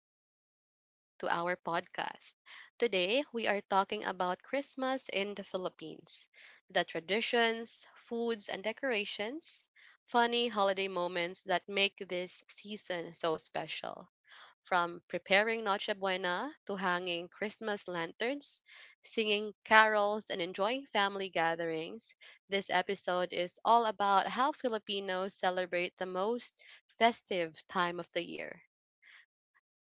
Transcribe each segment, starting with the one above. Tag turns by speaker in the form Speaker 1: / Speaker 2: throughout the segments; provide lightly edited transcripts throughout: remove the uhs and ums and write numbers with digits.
Speaker 1: and welcome back to our podcast. Today, we are talking about Christmas in the Philippines, the traditions, foods, and decorations, funny holiday moments that make this season so special. From preparing Noche Buena to hanging Christmas lanterns, singing carols, and enjoying family gatherings, this episode is all about how Filipinos celebrate the most festive time of the year.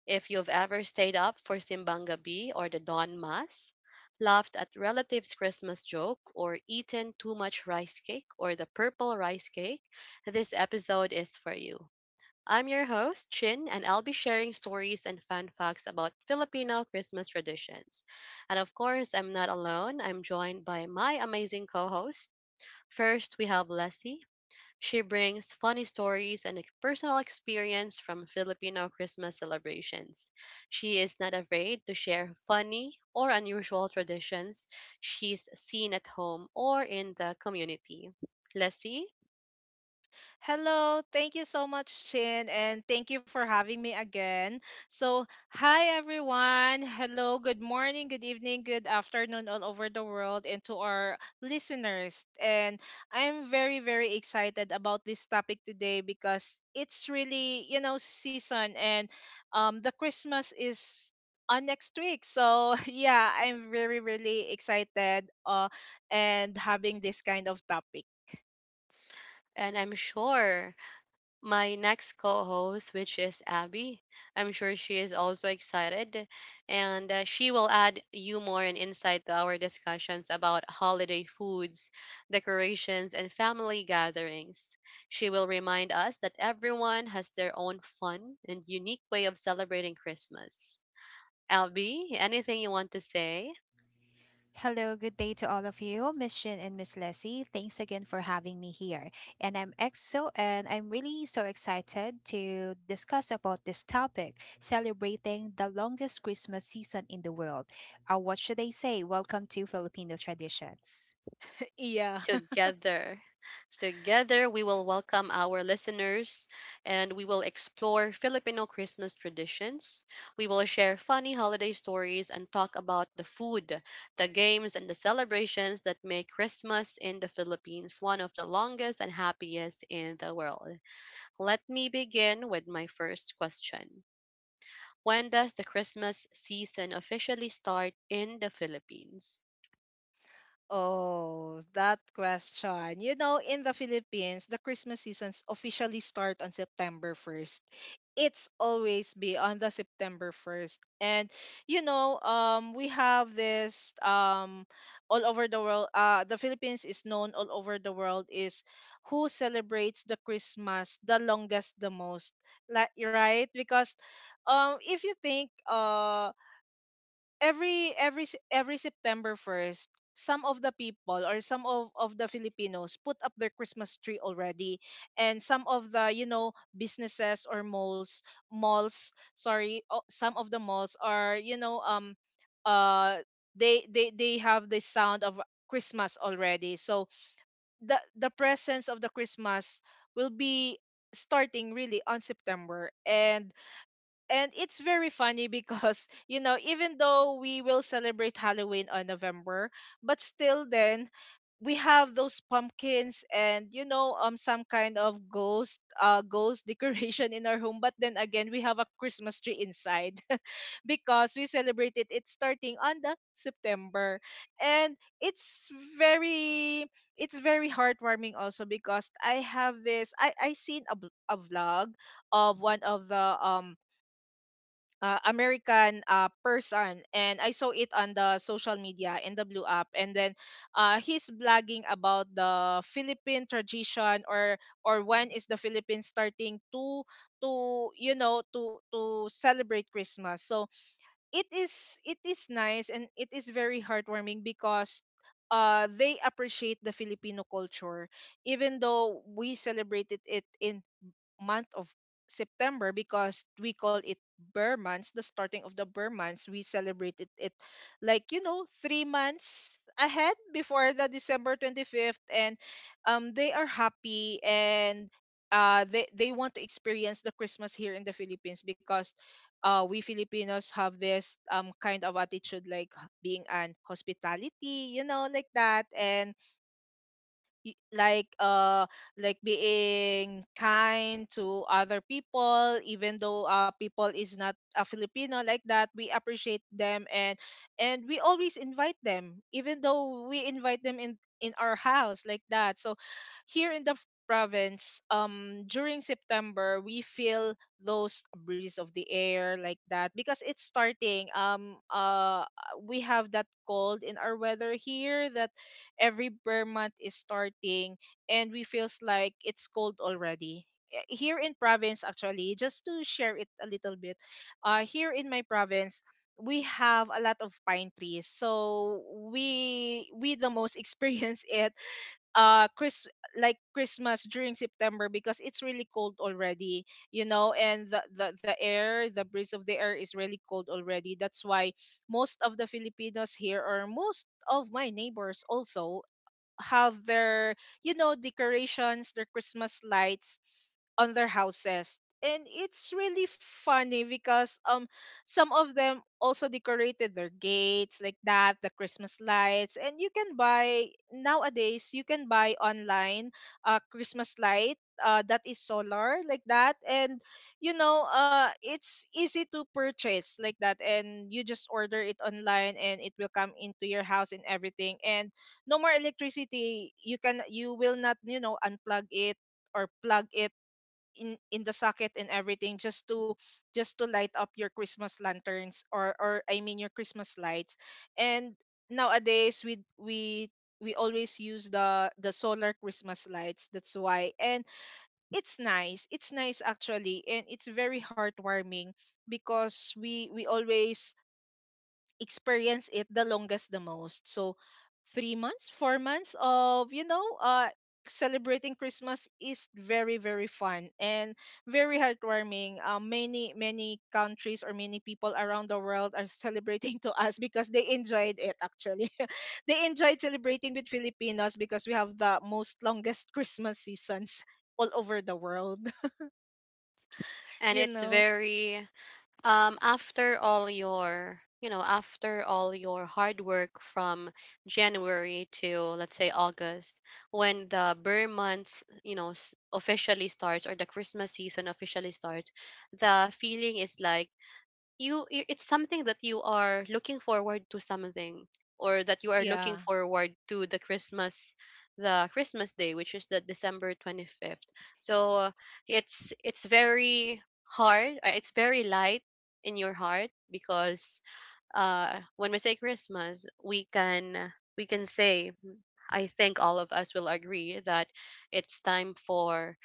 Speaker 1: If you've ever stayed up for Simbang Gabi or the Dawn Mass, laughed at relatives' Christmas joke, or eaten too much rice cake or the purple rice cake, this episode is for you. I'm your host, Chin, and I'll be sharing stories and fun facts about Filipino Christmas traditions. And of course, I'm not alone. I'm joined by my amazing co host. First, we have Leslie, she brings funny stories and personal experience from Filipino Christmas celebrations. She is not afraid to share funny or unusual traditions she's seen at home or in the community. Lassie,
Speaker 2: Hello, thank you so much, Chin, and thank you for having me again. So, hi everyone. Hello, good morning, good evening, good afternoon, all over the world, and to our listeners. And I'm very, very excited about this topic today because it's really, you know, season, and the Christmas is on next week. So, yeah, I'm very, really excited and having this kind of topic.
Speaker 1: and I'm sure my next co-host, which is Abby. I'm sure she is also excited, and she will add humor and insight to our discussions about holiday foods, decorations, and family gatherings. She will remind us that everyone has their own fun and unique way of celebrating Christmas. Abby, anything you want to say?
Speaker 3: Hello, good day to all of you, Miss Shin and Miss Leslie. Thanks again for having me here. And I'm EXO, and I'm really so excited to discuss about this topic, celebrating the longest Christmas season in the world. What should I say? Welcome to Filipino Traditions.
Speaker 2: Yeah.
Speaker 1: Together. Together, we will welcome our listeners and we will explore Filipino Christmas traditions. We will share funny holiday stories and talk about the food, the games, and the celebrations that make Christmas in the Philippines one of the longest and happiest in the world. Let me begin with my first question. When does the Christmas season officially start in the Philippines?
Speaker 2: Oh, that question. You know, in the Philippines, the Christmas seasons officially start on September 1st. It's always be on the September 1st. And you know, we have this all over the world the Philippines is known all over the world is who celebrates the Christmas the longest the most. Like right? Because if you think every September 1st, some of the people or some of the Filipinos put up their Christmas tree already, and some of the, you know, businesses or malls, sorry, some of the malls are, you know, uh they have the sound of Christmas already. So the presence of the Christmas will be starting really on September. And it's very funny because you know, even though we will celebrate halloween on november, but still then we have those pumpkins and, you know, some kind of ghost ghost decoration in our home, but then again we have a christmas tree inside. Because we celebrated it starting on the september. And it's very, it's very heartwarming also because I have this I seen a, a vlog of one of the American person, and I saw it on the social media in the Blue app. And then, he's blogging about the Philippine tradition, or when is the Philippines starting to, you know, to celebrate Christmas. So it is, it is nice and it is very heartwarming because. They appreciate the Filipino culture, even though we celebrated it in month of September, because we call it Burr months, the starting of the Burr months. We celebrated it like, you know, 3 months ahead before the December 25th. And they are happy. And they want to experience the Christmas here in the Philippines, because we Filipinos have this kind of attitude like being an hospitality, you know, like that. And y- like uh like being kind to other people, even though people is not a filipino like that, we appreciate them. And we always invite them, even though we invite them in our house like that. So here in the province, during september we feel those breeze of the air like that, because it's starting. We have that cold in our weather here, that every bare month is starting, and we feels like it's cold already. Eh, here in province, actually, just to share it a little bit, here in my province we have a lot of pine trees. So we the most experience it chris like christmas during september, because it's really cold already, you know. And the air, the breeze of the air, is really cold already. That's why most of the filipinos here, or most of my neighbors also, have their, you know, decorations, their christmas lights on their houses. And it's really funny because, some of them also decorated their gates like that, the christmas lights. And you can buy nowadays, you can buy online a christmas light, that is solar like that. And you know, it's easy to purchase like that, and you just order it online, and it will come into your house and everything. And no more electricity. You can, you will not, you know, unplug it or plug it in the socket and everything, just to light up your christmas lanterns or I mean, your christmas lights. And nowadays we always use the solar christmas lights, that's why. And it's nice, it's nice actually, and it's very heartwarming, because we always experience it the longest the most. So 3 months, 4 months of, you know, celebrating christmas is very, very fun and very heartwarming. Uh, many, many countries or many people around the world are celebrating to us, because they enjoyed it actually. They enjoyed celebrating with filipinos, because we have the most longest christmas seasons all over the world.
Speaker 1: And
Speaker 2: You
Speaker 1: it's
Speaker 2: know,
Speaker 1: very after all your after all your hard work from January to, let's say, August, when the Burr months officially starts, or the Christmas season officially starts, the feeling is like it's something that you are looking forward to, something or that you are looking
Speaker 2: yeah,
Speaker 1: forward to, the Christmas, the Christmas day, which is the December 25th. So it's very hard, it's very light in your heart, because when we say Christmas, we can, we can say, "Hmm, I think all of us will agree that it's time for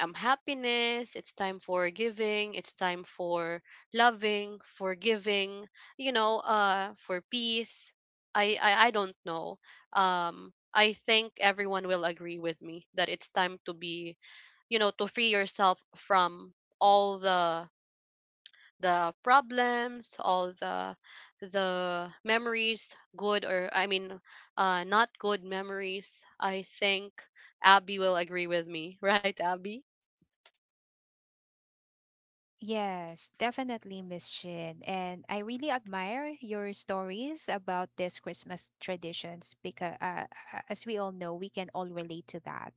Speaker 1: happiness. It's time for giving, it's time for loving, forgiving, you know, for peace. I don't know. I think everyone will agree with me that it's time to be, you know, to free yourself from all the problems, all the memories, good or I mean, not good memories. I think Abby will agree with me, right, Abby?
Speaker 3: Yes, definitely, Miss Shin. And I really admire your stories about this Christmas traditions because as we all know, we can all relate to that.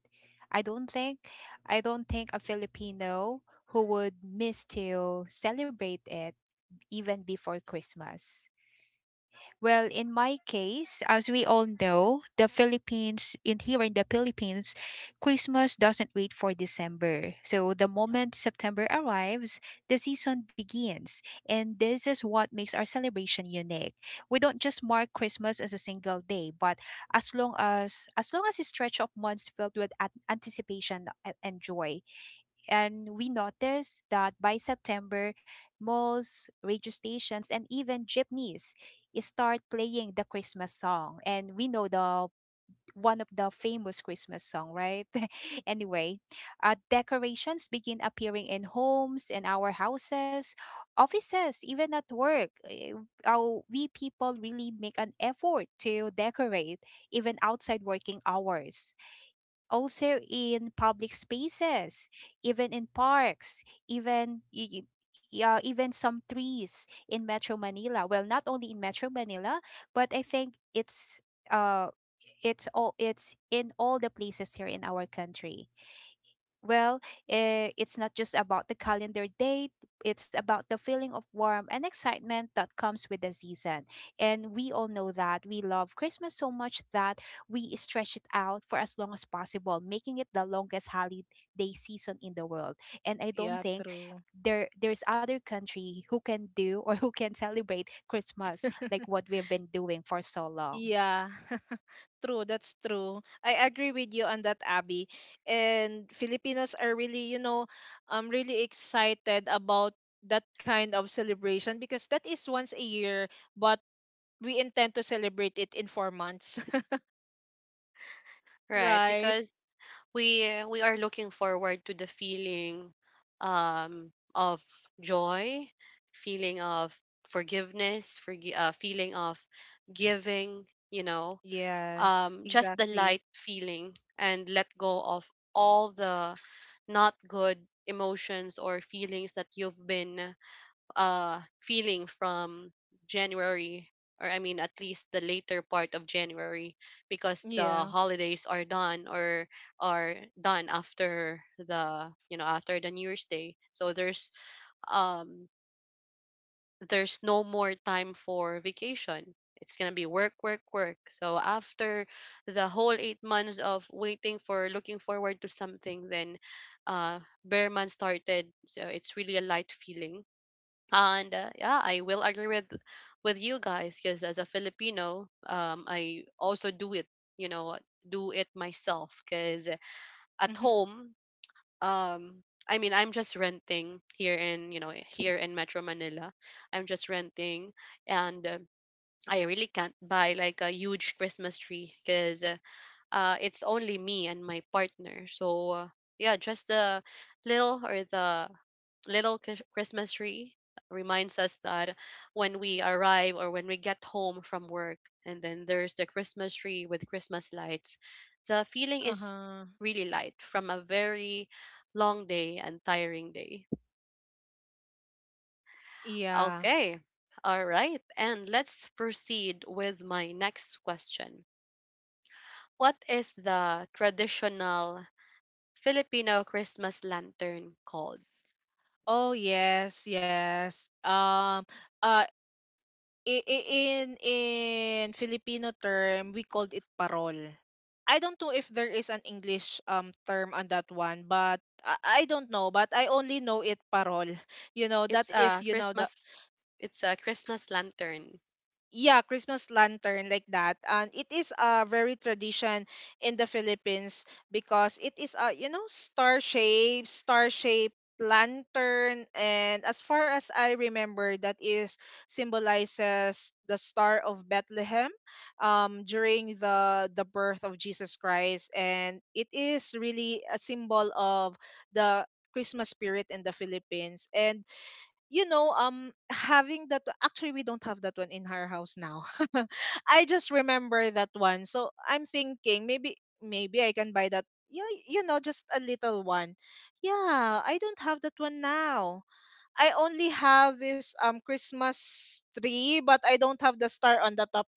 Speaker 3: I don't think I don't think a Filipino who would miss to celebrate it even before Christmas. Well, in my case, as we all know, in here in the Philippines, Christmas doesn't wait for December. So the moment September arrives, the season begins. And this is what makes our celebration unique. We don't just mark Christmas as a single day, but as long as a stretch of months filled with anticipation and joy. And we noticed that by September, malls, radio stations, and even jeepneys start playing the Christmas song. And we know the one of the famous Christmas song, right? Anyway, decorations begin appearing in homes, in our houses, offices, even at work. We people really make an effort to decorate even outside working hours, also in public spaces, even in parks, even y- y- yeah, even some trees in Metro Manila. Well, not only in Metro Manila, but I think uh it's in all the places here in our country. Well, it's not just about the calendar date, it's about the feeling of warmth and excitement that comes with the season. And we all know that we love Christmas so much that we stretch it out for as long as possible, making it the longest holiday season in the world. And I don't
Speaker 2: yeah,
Speaker 3: think
Speaker 2: true.
Speaker 3: there's other country who can do or who can celebrate Christmas like what we've been doing for so long.
Speaker 2: Yeah, true. That's true. I agree with you on that, Abby. And Filipinos are really, you know, really excited about that kind of celebration, because that is once a year, but we intend to celebrate it in 4 months,
Speaker 1: Right,
Speaker 2: right?
Speaker 1: because we are looking forward to the feeling of joy, feeling of forgiveness, feeling of giving, you know,
Speaker 2: Yes,
Speaker 1: just the
Speaker 2: exactly.
Speaker 1: light feeling, and let go of all the not good emotions or feelings that you've been feeling from January, or I mean at least the later part of January, because the
Speaker 2: Yeah.
Speaker 1: holidays are done, or are done after the, you know, after the New Year's Day. So um there's no more time for vacation. It's gonna be work, work, work. So after the whole 8 months of waiting for, looking forward to something, then uh Bearman started. So it's really a light feeling, and yeah, I will agree with you guys, because as a Filipino, I also do it, you know, do it myself, because at
Speaker 2: Mhm.
Speaker 1: home um I mean, I'm just renting here in, you know, here in Metro Manila. I'm just renting, and I really can't buy like a huge Christmas tree, because it's only me and my partner, so yeah, just the little, or the little Christmas tree reminds us that when we arrive, or when we get home from work, and then there's the Christmas tree with Christmas lights, the feeling
Speaker 2: Uh
Speaker 1: is
Speaker 2: huh.
Speaker 1: really light from a very long day and tiring day.
Speaker 2: Yeah.
Speaker 1: Okay, all right, and let's proceed with my next question. What is the traditional Filipino Christmas lantern called?
Speaker 2: Oh yes, yes. Uh. I in Filipino term, we called it parol. I don't know if there is an English term on that one, but I don't know, but I only know it parol. You know, that
Speaker 1: It's
Speaker 2: is,
Speaker 1: a
Speaker 2: you know, the
Speaker 1: Christmas, it's a Christmas lantern.
Speaker 2: yeah christmas lantern like that. And it is a very tradition in the philippines, because it is a, you know, star shape lantern. And as far as I remember, that is symbolizes the star of bethlehem, during the birth of jesus christ. And it is really a symbol of the christmas spirit in the philippines. And you know, having that, actually we don't have that one in our house now. I just remember that one. So I'm thinking, maybe maybe I can buy that. Yeah, you know, just a little one. Yeah, I don't have that one now. I only have this Christmas tree, but I don't have the star on the top.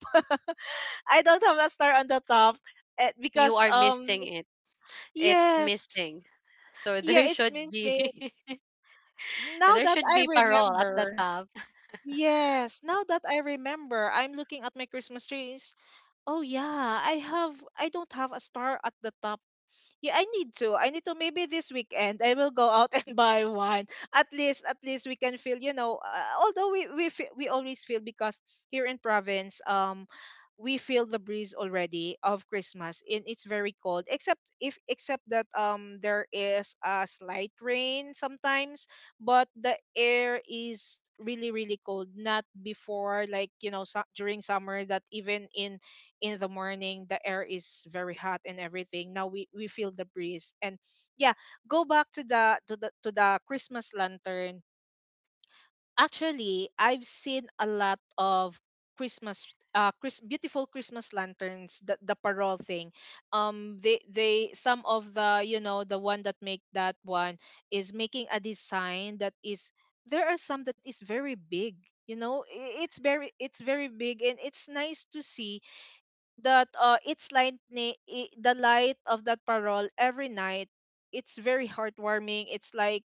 Speaker 2: I don't have a star on the top,
Speaker 1: You
Speaker 2: because
Speaker 1: are missing it. It's
Speaker 2: yes,
Speaker 1: missing. So
Speaker 2: yeah,
Speaker 1: there
Speaker 2: it's
Speaker 1: should
Speaker 2: missing.
Speaker 1: be,
Speaker 2: Now
Speaker 1: there
Speaker 2: that
Speaker 1: should
Speaker 2: I
Speaker 1: be parole at the
Speaker 2: remember,
Speaker 1: top.
Speaker 2: yes, now that I remember, I'm looking at my Christmas trees. Oh yeah, I have, I don't have a star at the top. Yeah, I need to. I need to. Maybe this weekend I will go out and buy one. At least we can feel. You know, although we always feel, because here in province, we feel the breeze already of Christmas, and it's very cold. Except if, except that there is a slight rain sometimes, but the air is really, really cold. Not before like, you know, during summer, that even in the morning the air is very hot and everything. Now we feel the breeze. And yeah, go back to the, to the christmas lantern. Actually I've seen a lot of christmas, beautiful christmas lanterns, the parol thing. Um, they some of the, you know, the one that make that one is making a design that is, there are some that is very big. You know, it's very, it's very big, and it's nice to see that, it's light, the light of that parol every night. It's very heartwarming. It's like,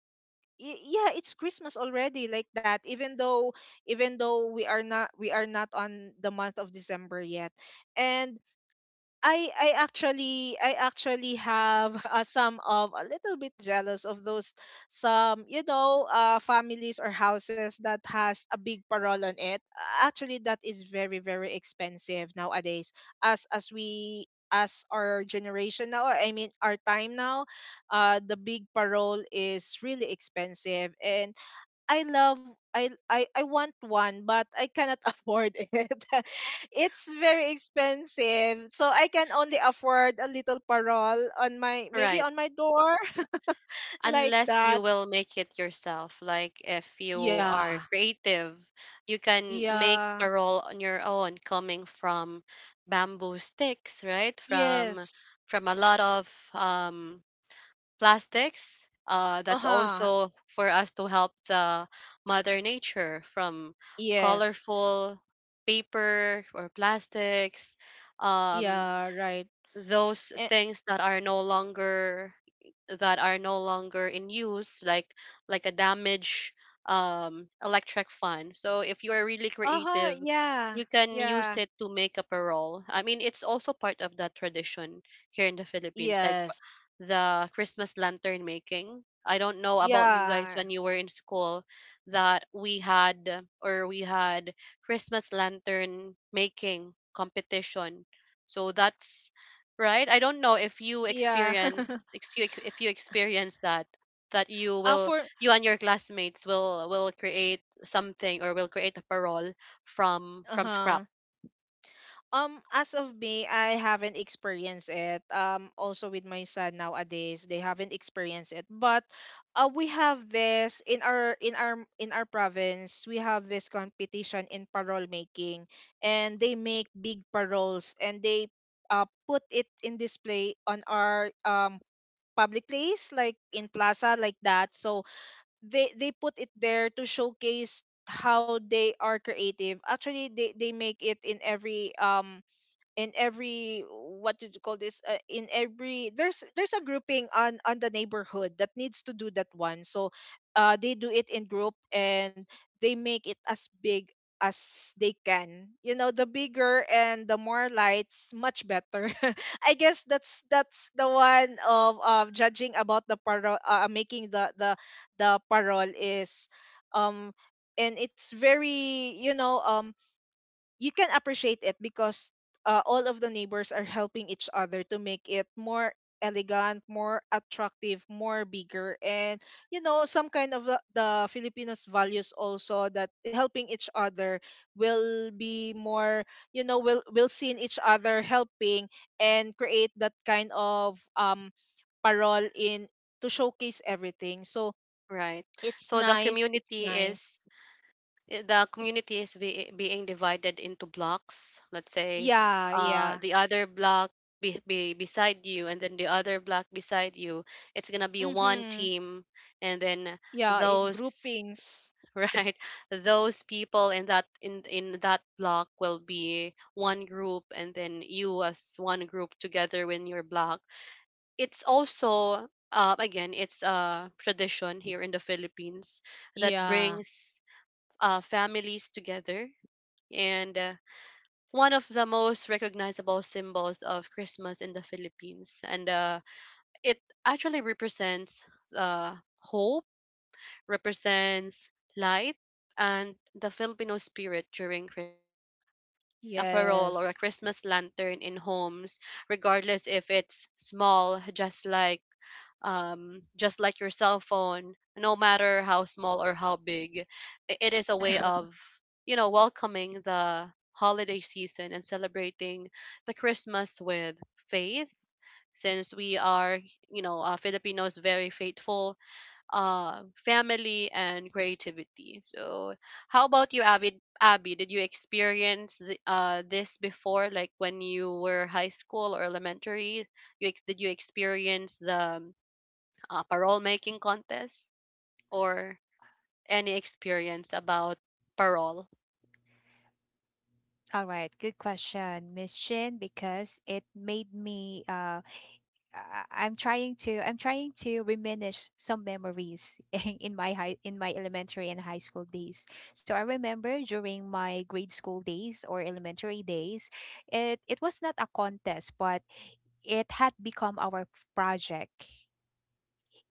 Speaker 2: yeah, it's christmas already like that, even though, we are not on the month of december yet. And I actually have some of a little bit jealous of those some, you know, families or houses that has a big parol on it. Actually, that is very, very expensive nowadays. As we as our generation now, I mean our time now, the big parol is really expensive. And I love, I want one, but I cannot afford it. It's very expensive. So I can only afford a little parol on my, maybe
Speaker 1: Right.
Speaker 2: on my door. Like
Speaker 1: Unless you
Speaker 2: that.
Speaker 1: will make it yourself. Like if you
Speaker 2: Yeah.
Speaker 1: are creative, you can make
Speaker 2: Yeah.
Speaker 1: parole on your own coming from bamboo sticks, right?
Speaker 2: Yes.
Speaker 1: From a lot of um plastics. That's
Speaker 2: Uh-huh.
Speaker 1: also for us to help the mother nature from
Speaker 2: Yes.
Speaker 1: colorful paper or plastics. Um,
Speaker 2: Yeah, right.
Speaker 1: those
Speaker 2: Eh,
Speaker 1: things that are no longer, that are no longer in use, like a damaged electric fan. So if you are really
Speaker 2: uh-huh.
Speaker 1: creative,
Speaker 2: Yeah.
Speaker 1: you can use
Speaker 2: Yeah.
Speaker 1: it to make a parole. I mean, it's also part of that tradition here in the Philippines, like
Speaker 2: Yes.
Speaker 1: the Christmas lantern making. I don't know about you guys
Speaker 2: Yeah.
Speaker 1: when you were in school, that we had, or we had Christmas lantern making competition. So that's, right? I don't know if you
Speaker 2: Yeah.
Speaker 1: experience, if you experience that, that you
Speaker 2: Uh,
Speaker 1: will,
Speaker 2: for,
Speaker 1: you and your classmates will create something, or will create a parole from scrap,
Speaker 2: uh-huh. As of me, I haven't experienced it. Also with my son nowadays, they haven't experienced it. But we have this in our, in our province. We have this competition in parole making, and they make big paroles, and they put it in display on our public place, like in plaza, like that. So they put it there to showcase how they are creative. Actually, they make it in every what do you call this, in every— there's a grouping on the neighborhood that needs to do that one. So they do it in group, and they make it as big as they can. You know, the bigger and the more lights, much better. I guess that's the one of judging about the parol, making the parol is. um and it's very, you know, you can appreciate it because all of the neighbors are helping each other to make it more elegant, more attractive, more bigger, and you know, some kind of the Filipinos values also, that helping each other will be more, you know, will see in each other helping and create that kind of parole in to showcase everything. So
Speaker 1: right?
Speaker 2: it's
Speaker 1: So the
Speaker 2: nice, it's
Speaker 1: community
Speaker 2: nice.
Speaker 1: is, the community is being divided into blocks. Let's say
Speaker 2: Yeah, yeah.
Speaker 1: the other block be beside you, and then the other block beside you, it's gonna be one
Speaker 2: Mhm.
Speaker 1: team, and then
Speaker 2: Yeah, it,
Speaker 1: those,
Speaker 2: groupings.
Speaker 1: right, those people in that, in that block will be one group, and then you as one group together in your block. It's also again, it's a tradition here in the Philippines, that
Speaker 2: Yeah.
Speaker 1: brings families together, and one of the most recognizable symbols of Christmas in the Philippines, and it actually represents uh, hope, represents light, and the Filipino spirit during Christmas. So hanging a
Speaker 2: Yes.
Speaker 1: parol or a Christmas lantern in homes, regardless if it's small, just like your cell phone, no matter how small or how big, it is a way of, you know, welcoming the holiday season and celebrating the Christmas with faith. Since we are, you know, Filipinos very faithful, family and creativity. So how about you, Abby? Abby, did you experience this before, like when you were high school or elementary? You did you experience the parole making contest, or any experience about parole
Speaker 3: All right, good question, Miss Shin, because it made me. I'm trying to reminisce some memories in my elementary and high school days. So I remember during my grade school days or elementary days, it was not a contest, but it had become our project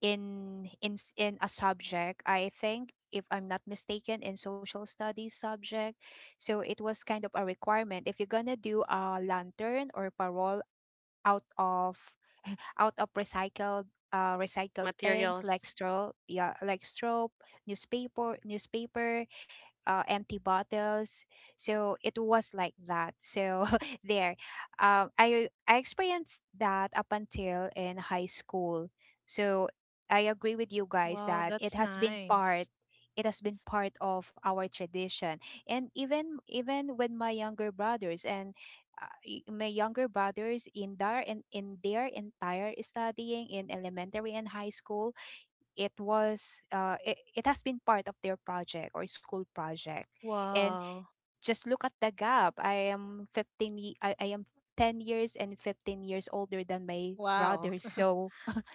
Speaker 3: in a subject. I think, if I'm not mistaken, in social studies subject. So it was kind of a requirement if you're going to do a lantern or parole out of recycled recycled things like
Speaker 1: materials?
Speaker 3: straw, yeah, like straw, newspaper, newspaper, empty bottles. So it was like that. So there, I experienced that up until in high school. So I agree with you guys
Speaker 2: Wow,
Speaker 3: that it
Speaker 2: that's
Speaker 3: has been part.
Speaker 2: nice.
Speaker 3: It has been part of our tradition, and even with my younger brothers in their entire studying in elementary and high school, it has been part of their project or school project. And
Speaker 2: Wow.
Speaker 3: just look at the gap. I am 10 years and 15 years older than my
Speaker 2: Wow.
Speaker 3: brother, so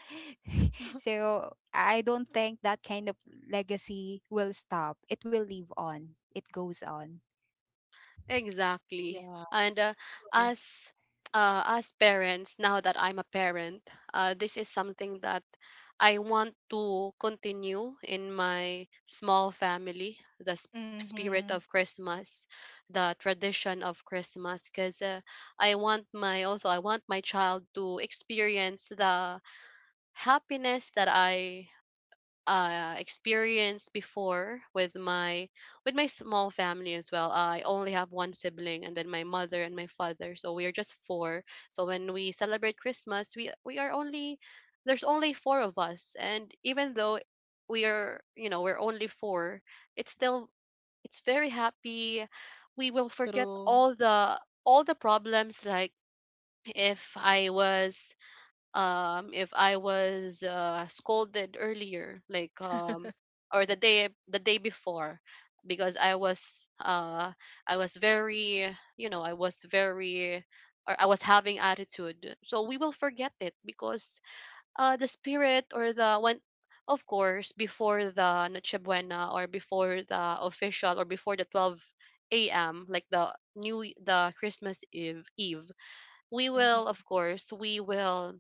Speaker 3: so I don't think that kind of legacy will stop. It will live on, it goes on.
Speaker 1: Exactly.
Speaker 2: Yeah.
Speaker 1: And as as parents, now that I'm a parent, this is something that I want to continue in my small family, the
Speaker 2: Mm-hmm.
Speaker 1: spirit of Christmas, the tradition of Christmas, because I want my, also I want my child to experience the happiness that I experienced before with my, with my small family as well. I only have one sibling, and then my mother and my father. So we are just four. So when we celebrate Christmas, we are only, there's only four of us, and even though we are, you know, we're only four, it's still, it's very happy. We will forget
Speaker 2: True.
Speaker 1: all the, all the problems. Like if I was if I was scolded earlier, like or the day, the day before, because I was I was very, you know, I was very, or I was having attitude, so we will forget it. Because the spirit, or the when, of course, before the Noche Buena, or before the official, or before the 12 a.m., like the new, the Christmas Eve, Eve, we will,
Speaker 2: Mm-hmm.
Speaker 1: of course, we will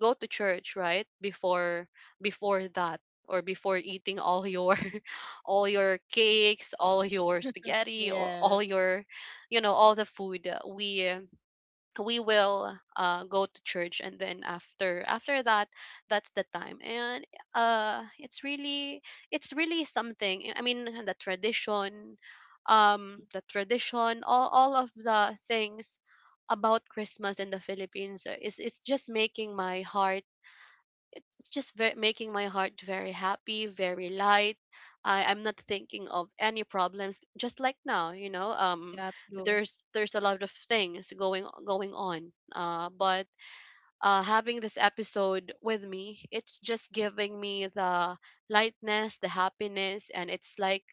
Speaker 1: go to church right before, before that, or before eating all your all your cakes, all your spaghetti, or all
Speaker 2: Yes.
Speaker 1: your, you know, all the food, we will go to church, and then after, after that, that's the time. And it's really, it's really something. I mean, the tradition, the tradition, all of the things about Christmas in the Philippines, is, it's just making my heart, it's just making my heart very happy, very light. I'm not thinking of any problems. Just like now, you know,
Speaker 2: Yeah, true.
Speaker 1: there's a lot of things going on. But having this episode with me, it's just giving me the lightness, the happiness, and it's like,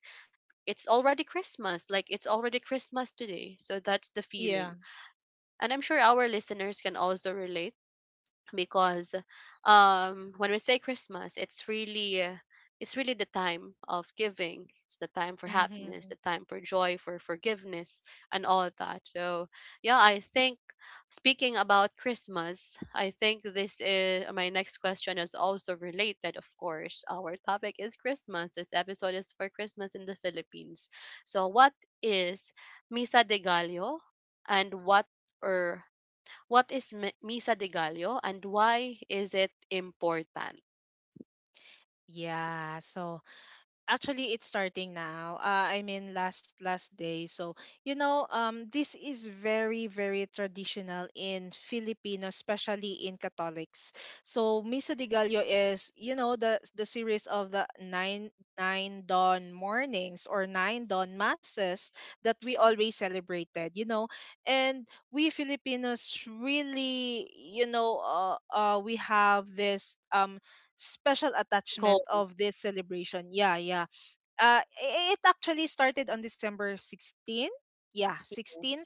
Speaker 1: it's already Christmas. Like it's already Christmas today. So that's the feeling,
Speaker 2: Yeah.
Speaker 1: and I'm sure our listeners can also relate, because when we say Christmas, it's really the time of giving, it's the time for happiness,
Speaker 2: Mm-hmm.
Speaker 1: the time for joy, for forgiveness, and all of that. So yeah, I think, speaking about Christmas, I think this is my next question, is also related. Of course, our topic is Christmas, this episode is for Christmas in the Philippines. So what is Misa de Gallo, and what, or Misa de Gallo, and why is it important?
Speaker 2: Yeah, so actually it's starting now, I mean, last day. So you know, this is very very traditional in Filipino, especially in Catholics. So Misa de Gallo is, you know, the series of the nine dawn mornings or nine dawn masses that we always celebrated, you know. And we Filipinos really, you know, we have this special attachment
Speaker 1: Goals.
Speaker 2: of this celebration. Yeah, yeah. It actually started on December 16th. Yeah, 16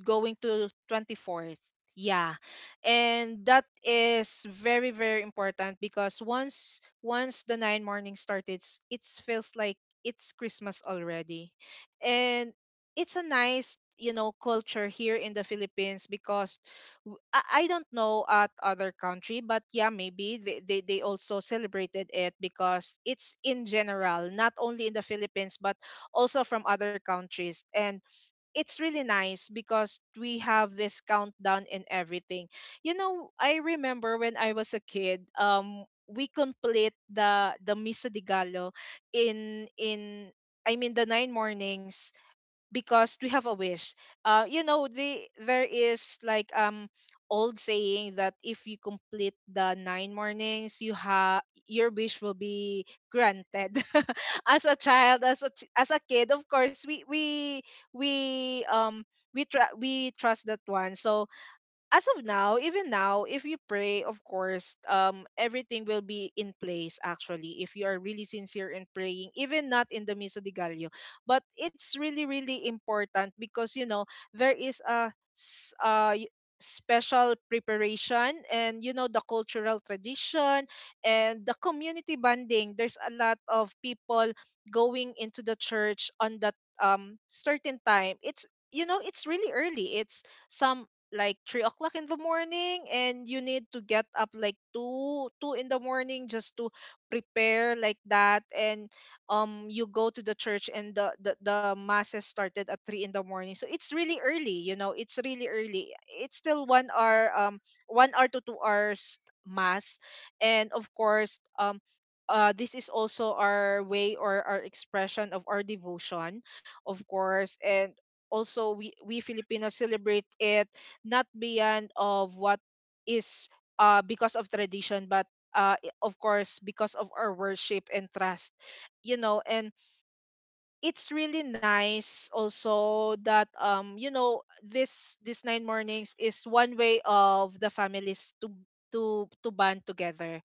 Speaker 2: going to 24th. Yeah. And that is very very important, because once the nine morning started, it feels like it's Christmas already. And it's a nice, you know, culture here in the Philippines, because I don't know at other country, but yeah, maybe they also celebrated it, because it's in general, not only in the Philippines, but also from other countries. And it's really nice, because we have this countdown and everything. You know, I remember when I was a kid, we complete the Misa de Gallo, in I mean, the nine mornings, because we have a wish. There is like old saying that if you complete the nine mornings, you have your wish will be granted. As a child, as a kid, of course, we um we trust that one. So as of now, even now, if you pray, of course, everything will be in place. Actually, if you are really sincere in praying, even not in the Misa de Gallo, but it's really, really important, because you know there is a special preparation, and you know the cultural tradition and the community bonding. There's a lot of people going into the church on that certain time. It's you know it's really early. It's some like 3 o'clock in the morning, and you need to get up like two in the morning just to prepare like that. And you go to the church, and the masses started at 3 in the morning. So it's really early, you know, it's really early. It's still 1 hour, 1 hour to 2 hours mass. And of course, this is also our way or our expression of our devotion, of course. And also, we Filipinos celebrate it, not beyond of what is because of tradition, but of course because of our worship and trust, you know. And it's really nice also that you know, this nine mornings is one way of the families to band together,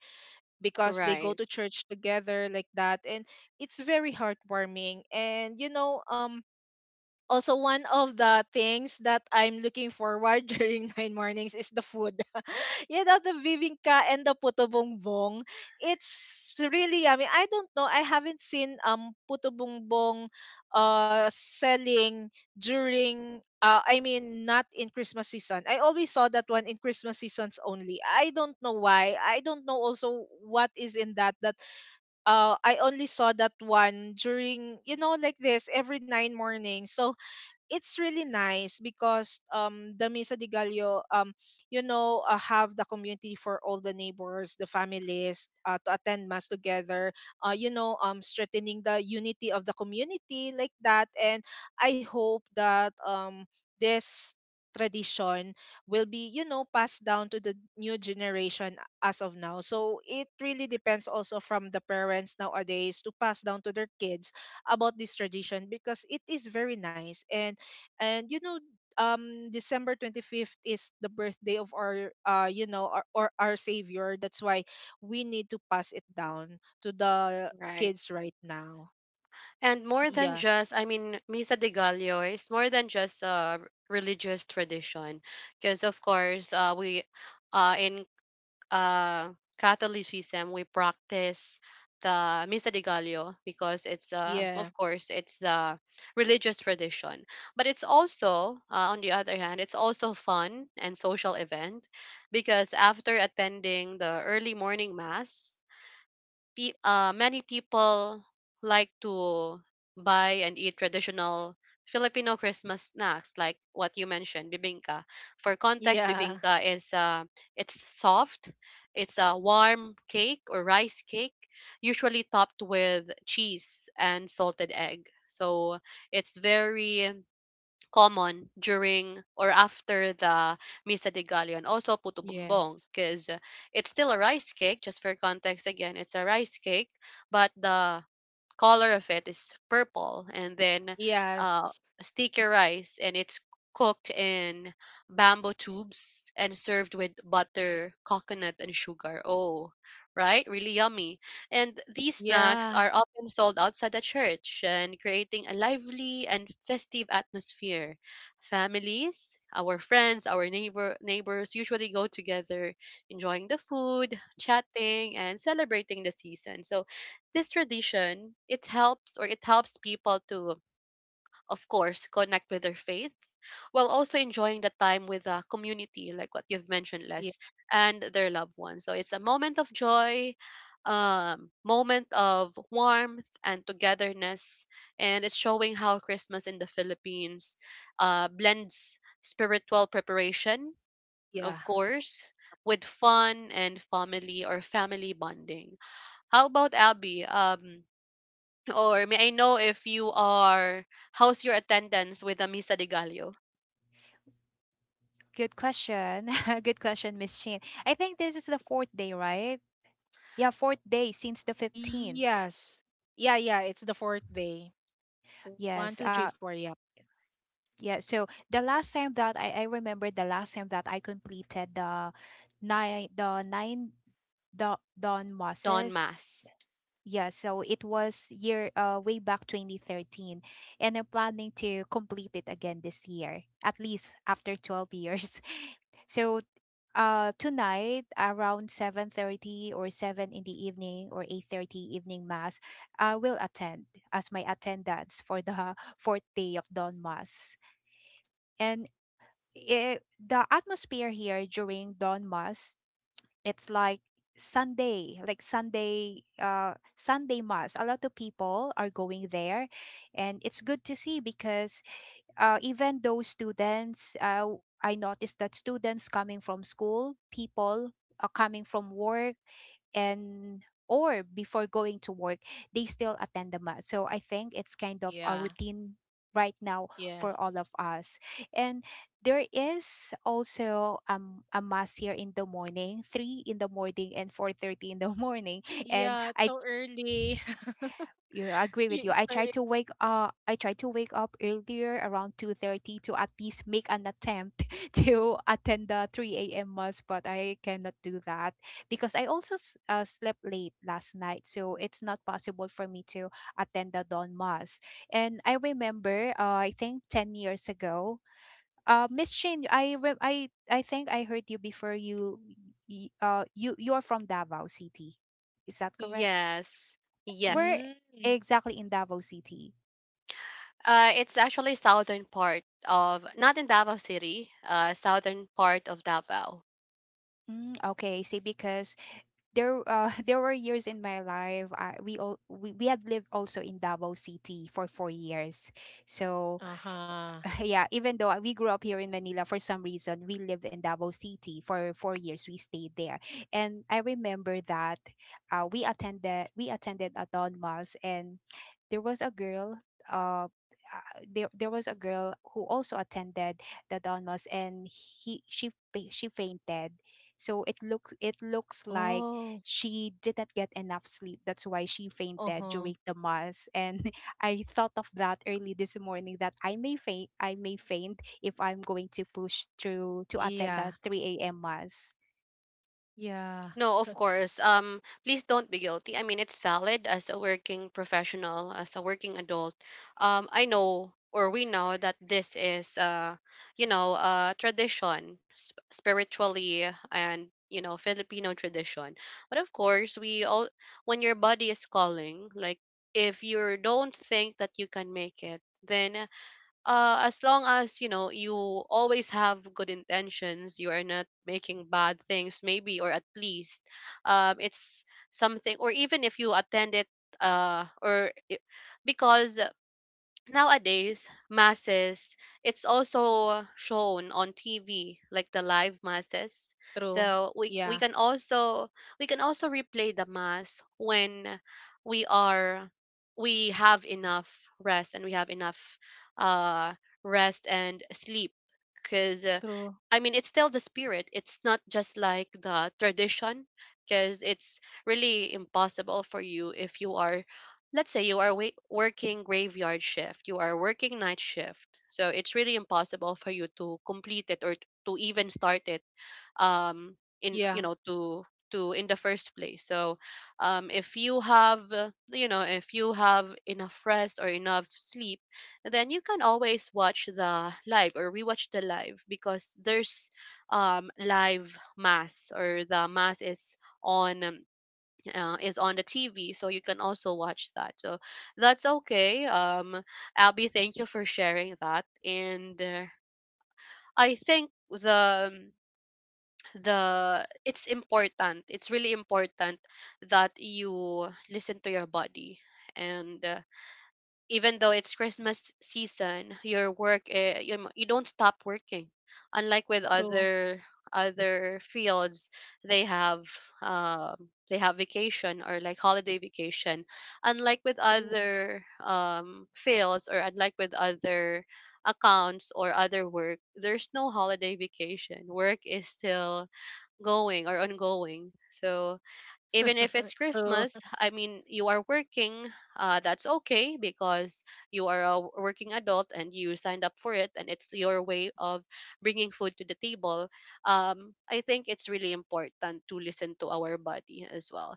Speaker 2: because they go
Speaker 1: Right,
Speaker 2: to church together like that. And it's very heartwarming, and you know, also one of the things that I'm looking forward during nine mornings is the food. You know, the bibingka and the puto bongbong. It's really yummy. I don't know. I haven't seen puto bongbong selling during— I mean, not in Christmas season. I always saw that one in Christmas seasons only. I don't know why. I don't know also what is in that. I only saw that one during, you know, like this every nine mornings. So it's really nice, because the mesa de Gallo, you know, have the community for all the neighbors, the families, to attend mass together, you know, strengthening the unity of the community like that. And I hope that this tradition will be, you know, passed down to the new generation as of now. So it really depends also from the parents nowadays to pass down to their kids about this tradition, because it is very nice. And you know, December 25th is the birthday of our you know our, or our savior. That's why we need to pass it down to the
Speaker 1: right.
Speaker 2: kids right now.
Speaker 1: And more than
Speaker 2: Yeah.
Speaker 1: just, I mean, Misa de Gallo is more than just a religious tradition, because of course, we, in uh, Catholicism, we practice the Misa de Gallo because it's,
Speaker 2: Yeah.
Speaker 1: of course, it's the religious tradition. But it's also, on the other hand, it's also fun and social event because after attending the early morning mass, many people like to buy and eat traditional Filipino Christmas snacks, like what you mentioned, bibingka. For context,
Speaker 2: Yeah.
Speaker 1: bibingka is it's soft, it's a warm cake or rice cake, usually topped with cheese and salted egg. So it's very common during or after the Misa de Gallo and also Puto Bumbong
Speaker 2: Yes.
Speaker 1: because it's still a rice cake. Just for context, again, it's a rice cake, but the color of it is purple, and then uh,
Speaker 2: Yes.
Speaker 1: sticky rice, and it's cooked in bamboo tubes and served with butter, coconut and sugar. Oh, right, really yummy. And these snacks
Speaker 2: Yeah.
Speaker 1: are often sold outside the church, and creating a lively and festive atmosphere. Families, our friends, our neighbors usually go together, enjoying the food, chatting and celebrating the season. So this tradition, it helps people to, of course, connect with their faith while also enjoying the time with the community, like what you've mentioned,
Speaker 2: Yeah.
Speaker 1: Les, and their loved ones. So it's a moment of joy, moment of warmth and togetherness, and it's showing how Christmas in the Philippines blends spiritual preparation,
Speaker 2: Yeah.
Speaker 1: of course, with fun and family or family bonding. How about Abby? Or may I know if you are, how's your attendance with the Misa de Gallo,
Speaker 3: Good question, good question, Miss Chin. I think this is the fourth day, right? Yeah, fourth day since the 15th.
Speaker 2: Yes. Yeah. Yeah, it's the fourth day. One
Speaker 3: yes
Speaker 2: two three
Speaker 3: uh,
Speaker 2: four. Yep.
Speaker 3: Yeah, so the last time that I remember, the last time that I completed the nine, the Don
Speaker 1: Dawn
Speaker 3: Mosses.
Speaker 1: Mass?
Speaker 3: Yeah, so it was year, way back 2013, and I'm planning to complete it again this year, at least after 12 years. So tonight around 7:30, or 7 in the evening, or 8:30 evening mass, I will attend as my attendance for the fourth day of Don Mass. And it, the atmosphere here during dawn mass, it's like Sunday, like Sunday Sunday mass, a lot of people are going there. And it's good to see because even those students, I noticed that students coming from school, people are coming from work, and or before going to work, they still attend the mass, so I think it's kind of a
Speaker 2: Yeah.
Speaker 3: routine right now for
Speaker 2: Yes.
Speaker 3: all of us. And there is also a mass here in the morning, 3 in the morning and 4:30 in the morning. And
Speaker 2: Yeah, it's
Speaker 3: I
Speaker 2: so early.
Speaker 3: you know, I agree
Speaker 2: Yeah,
Speaker 3: with you.
Speaker 2: it's
Speaker 3: I
Speaker 2: so
Speaker 3: try
Speaker 2: early.
Speaker 3: to wake up earlier around 2:30 to at least make an attempt to attend the three a.m. mass, but I cannot do that because I also slept late last night, so it's not possible for me to attend the dawn mass. And I remember, I think 10 years ago, Miss Shane, I think I heard you before. You, you're from Davao City, is that correct?
Speaker 1: Yes,
Speaker 3: Where
Speaker 1: yes.
Speaker 2: Mm.
Speaker 3: exactly in Davao City?
Speaker 1: It's actually southern part of, not in Davao City, southern part of Davao.
Speaker 3: Mm, okay, see, because there there were years in my life I, we all we had lived also in Davao City for 4 years, so
Speaker 2: Uh-huh.
Speaker 3: yeah, even though we grew up here in Manila, for some reason we lived in Davao City for 4 years. We stayed there, and I remember that we attended a Don Mass, and there was a girl. Uh, there was a girl who also attended the Don Mass, and he she she fainted. So it looks like
Speaker 2: Oh.
Speaker 3: she did not get enough sleep. That's why she fainted
Speaker 2: Uh-huh.
Speaker 3: during the mass. And I thought of that early this morning that I may faint if I'm going to push through to attend the
Speaker 2: Yeah,
Speaker 3: 3 a.m. mass.
Speaker 2: yeah.
Speaker 1: No, of course. Please don't be guilty. I mean, it's valid as a working professional, as a working adult. I know, or we know, that this is tradition, spiritually, and Filipino tradition. But of course, we all when your body is calling, like if you don't think that you can make it, then as long as you know you always have good intentions, you are not making bad things, maybe, or at least, it's something. Or even if you attend it, uh, or i- because nowadays, masses, it's also shown on TV, like the live masses.
Speaker 2: True.
Speaker 1: So we, we
Speaker 2: Yeah,
Speaker 1: can also we can also replay the mass when we are we have enough rest, and we have enough uh rest and sleep, because
Speaker 2: true.
Speaker 1: I mean, it's still the spirit. It's not just like the tradition, because it's really impossible for you if you are, let's say you are working graveyard shift, you are working night shift, so it's really impossible for you to complete it, or to even start it, in you
Speaker 2: Yeah,
Speaker 1: know to in the first place. So if you have if you have enough rest or enough sleep, then you can always watch the live or rewatch the live, because there's live mass, or the mass on um, is on the TV, so you can also watch that. So that's okay. Abby, thank you for sharing that. And I think the it's important. It's really important that you listen to your body, and even though it's Christmas season, your work, you don't stop working. Unlike with
Speaker 2: true,
Speaker 1: other fields, they um have vacation, or like holiday vacation. Unlike with
Speaker 2: true,
Speaker 1: other fields, or unlike with other accounts or other work, there's no holiday vacation. Work is still going or ongoing. So even if
Speaker 2: true.
Speaker 1: it's Christmas, I mean, you are working, that's okay, because you are a working adult and you signed up for it, and it's your way of bringing food to the table. I think it's really important to listen to our body as well.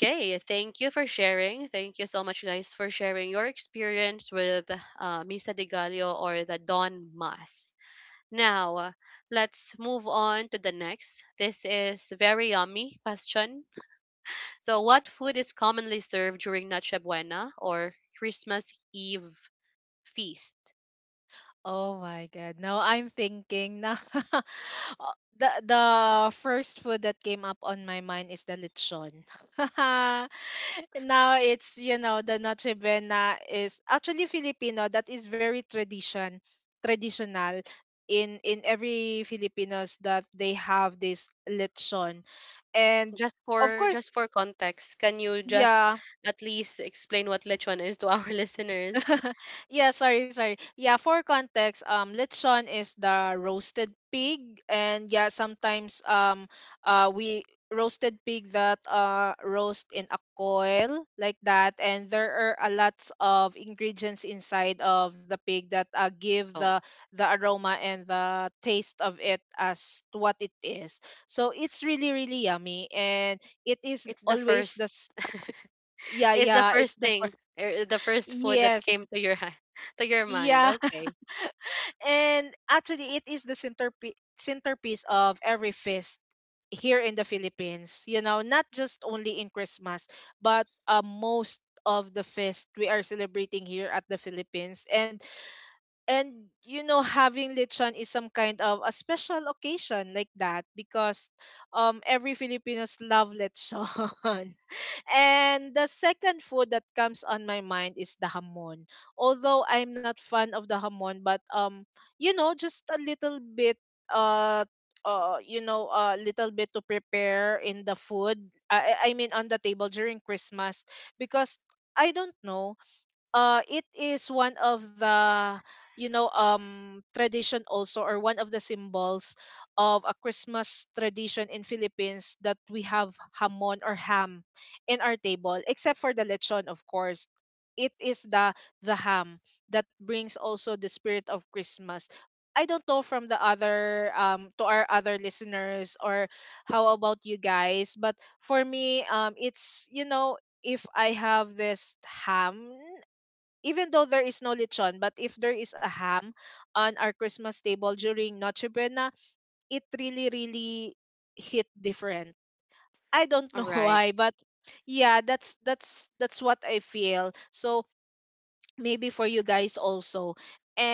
Speaker 1: Okay, thank you for sharing. Thank you so much, guys, for sharing your experience with Misa de Gallo or the Dawn Mass. Now, let's move on to the next. This is very yummy question, so, what food is commonly served during Noche Buena or Christmas Eve feast?
Speaker 2: Oh my God. Now I'm thinking na. uh, the first food that came up on my mind is the lechon. Now it's, you know, the Noche Buena is actually Filipino. That is very traditional in every Filipinos, that they have this lechon. And
Speaker 1: Just
Speaker 2: of
Speaker 1: for
Speaker 2: course.
Speaker 1: just for context, can you just
Speaker 2: Yeah.
Speaker 1: at least explain what lechon is to our listeners?
Speaker 2: Yeah, sorry, sorry. Yeah, for context, lechon is the roasted pig, and yeah, sometimes we roasted pig that roast in a coil like that, and there are a lots of ingredients inside of the pig that give the
Speaker 1: Oh,
Speaker 2: the aroma and the taste of it as to what it is. So it's really really yummy, and it is
Speaker 1: it's the
Speaker 2: always
Speaker 1: first
Speaker 2: the— Yeah,
Speaker 1: it's the
Speaker 2: yeah, it's
Speaker 1: first
Speaker 2: the
Speaker 1: thing,
Speaker 2: first.
Speaker 1: the first food that
Speaker 2: Yes,
Speaker 1: came to your hand, to your mind.
Speaker 2: yeah.
Speaker 1: Okay.
Speaker 2: And actually, it is the centerpiece of every feast here in the Philippines. You know, not just only in Christmas, but most of the feast we are celebrating here at the Philippines. And you know, having lechon is some kind of a special occasion like that, because every Filipinos love lechon. And the second food that comes on my mind is the hamon. Although I'm not fan of the hamon, but you know, just a little bit, uh you know, a little bit to prepare in the food. I mean, on the table during Christmas, because I don't know, it is one of the, you know, tradition also, or one of the symbols of a Christmas tradition in Philippines, that we have hamon or ham in our table, except for the lechon, of course. It is the ham that brings also the spirit of Christmas. I don't know from the other, to our other listeners, or how about you guys, but for me, it's, you know, if I have this ham, even though there is no lechon, but if there is a ham on our Christmas table during Noche Buena, it really, really hit different. I don't
Speaker 1: All
Speaker 2: know
Speaker 1: right.
Speaker 2: why, but yeah, that's what I feel. So maybe for you guys also.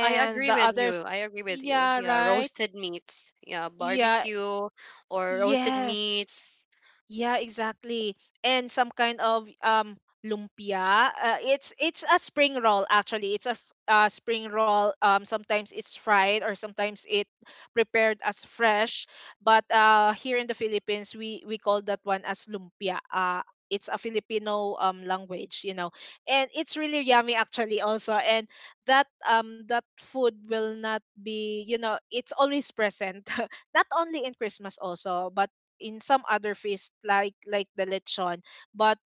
Speaker 1: I
Speaker 2: the
Speaker 1: agree with
Speaker 2: other—
Speaker 1: you. I agree with you.
Speaker 2: yeah,
Speaker 1: Yeah,
Speaker 2: right?
Speaker 1: roasted meats. Yeah,
Speaker 2: Yeah,
Speaker 1: barbecue or roasted
Speaker 2: yes.
Speaker 1: meats.
Speaker 2: Yeah, exactly. And some kind of lumpia. It's a spring roll, actually. It's a spring roll. Sometimes it's fried, or sometimes it prepared as fresh. But here in the Philippines, we call that one as lumpia. It's a Filipino language, you know, and it's really yummy, actually, also. And that food will not be, you know— it's always present. Not only in Christmas also, but in some other feast like the lechon. But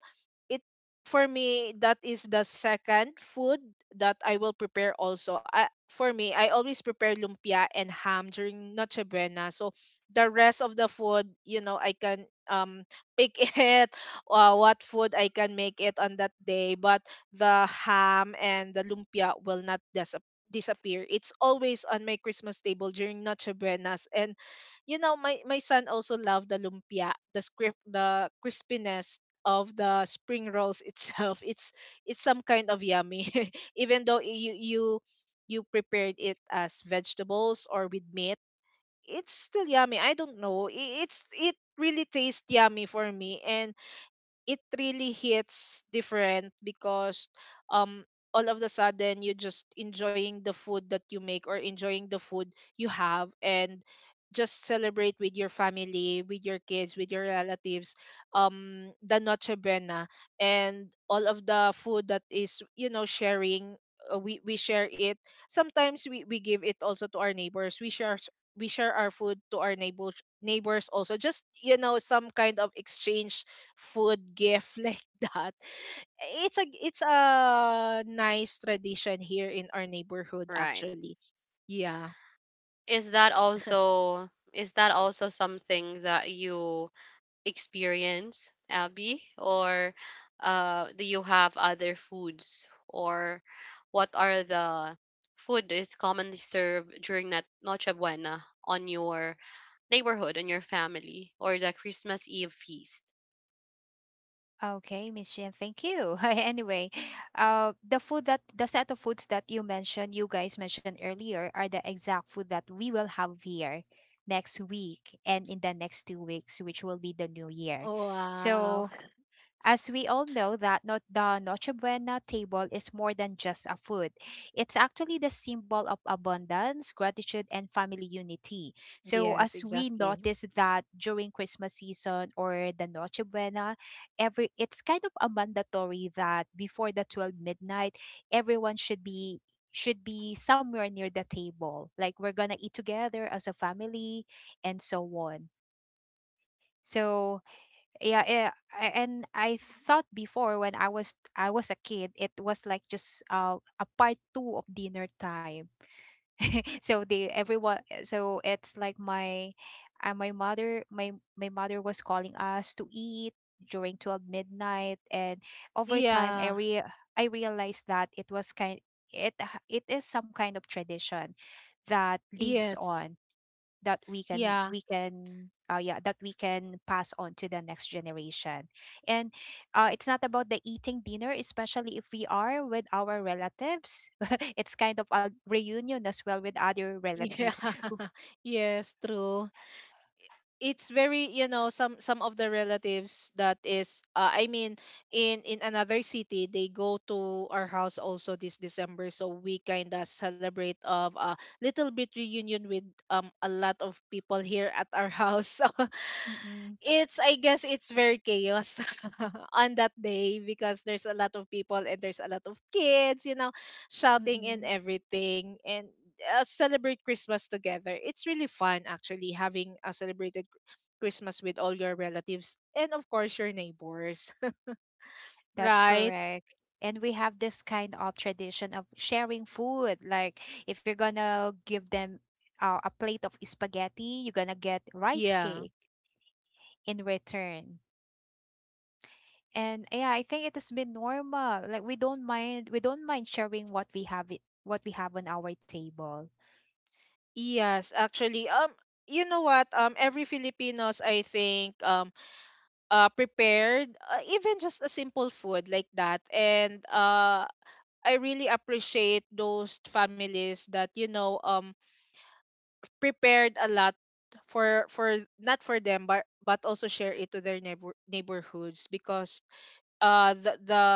Speaker 2: it, for me, that is the second food that I will prepare also. For me, I always prepare lumpia and ham during Noche Buena. So the rest of the food, you know, I can pick it, what food I can make it on that day, but the ham and the lumpia will not disappear. It's always on my Christmas table during Noche Buenas. And you know, my son also loved the lumpia, the crispiness of the spring rolls itself. It's some kind of yummy. Even though you prepared it as vegetables or with meat, it's still yummy. I don't know, it really tastes yummy for me. And it really hits different, because um all of the sudden, you're just enjoying the food that you make or enjoying the food you have, and just celebrate with your family, with your kids, with your relatives, the Noche Buena, and all of the food, that is, you know, sharing. We share it. Sometimes we give it also to our neighbors. We share our food to our neighbors, also, just, you know, some kind of exchange food gift like that. It's a nice tradition here in our neighborhood,
Speaker 1: Right.
Speaker 2: actually. Yeah.
Speaker 1: Is that also something that you experience, Abby? Or do you have other foods? Or what are the food that is commonly served during that Noche Buena, on your neighborhood, on your family, or the Christmas Eve feast?
Speaker 3: Okay, Miss Jen, thank you. Anyway, the food, that the set of foods that you mentioned, you guys mentioned earlier, are the exact food that we will have here next week and in the next 2 weeks, which will be the new year.
Speaker 2: Oh wow.
Speaker 3: So as we all know that not the Noche Buena table is more than just a food. It's actually the symbol of abundance, gratitude, and family unity. So
Speaker 2: Yes,
Speaker 3: as we
Speaker 2: exactly.
Speaker 3: notice that during Christmas season or the Noche Buena, every it's kind of a mandatory that before the 12 midnight, everyone should be somewhere near the table. Like we're going to eat together as a family and so on. So yeah, and I thought before, when I was a kid, it was like just a part two of dinner time. So they, everyone, so it's like my my mother was calling us to eat during 12 midnight. And over time i
Speaker 2: Yeah.
Speaker 3: re- i realized that it was kind it h- it is some kind of tradition that lives
Speaker 2: Yes.
Speaker 3: on, that
Speaker 2: Yeah.
Speaker 3: we can pass on to the next generation. And it's not about the eating dinner, especially if we are with our relatives. It's kind of a reunion as well with other relatives.
Speaker 2: Yeah. Yes, true. It's very, some of the relatives that is, I mean, in another city, they go to our house also this December. So we kind of celebrate of a little bit reunion with a lot of people here at our house
Speaker 3: Mm-mm,
Speaker 2: it's I guess it's very chaos on that day because there's a lot of people, and there's a lot of kids, shouting and
Speaker 3: mm-mm.
Speaker 2: everything, and celebrate Christmas together. It's really fun actually, having a celebrated Christmas with all your relatives, and of course your neighbors.
Speaker 3: That's
Speaker 2: Right?
Speaker 3: correct. And we have this kind of tradition of sharing food. Like if you're gonna give them a plate of spaghetti, you're gonna get rice
Speaker 2: Yeah.
Speaker 3: cake in return. And yeah, I think it has been normal. Like we don't mind sharing what we have on our table.
Speaker 2: Yes, actually, you know what? Every Filipinos, I think, prepared, even just a simple food like that, and, I really appreciate those families that, prepared a lot for not for them, but also share it to their neighborhoods, because the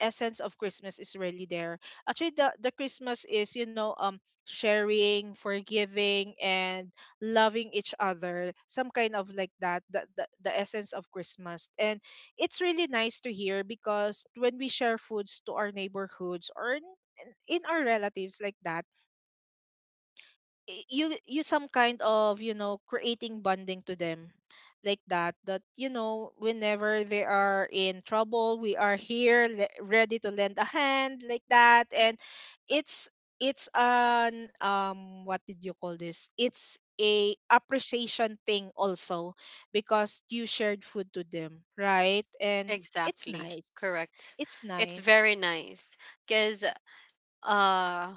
Speaker 2: essence of Christmas is really there. Actually, the Christmas is, sharing, forgiving, and loving each other, some kind of like that. The essence of Christmas, and it's really nice to hear, because when we share foods to our neighborhoods, in our relatives like that, you some kind of, creating bonding to them, like that, whenever they are in trouble, we are here, ready to lend a hand like that. And it's it's an, what did you call this, it's a appreciation thing also, because you shared food to them, right? And it's
Speaker 1: Exactly.
Speaker 2: nice.
Speaker 1: Correct.
Speaker 2: It's
Speaker 1: It's
Speaker 2: nice.
Speaker 1: very nice because uh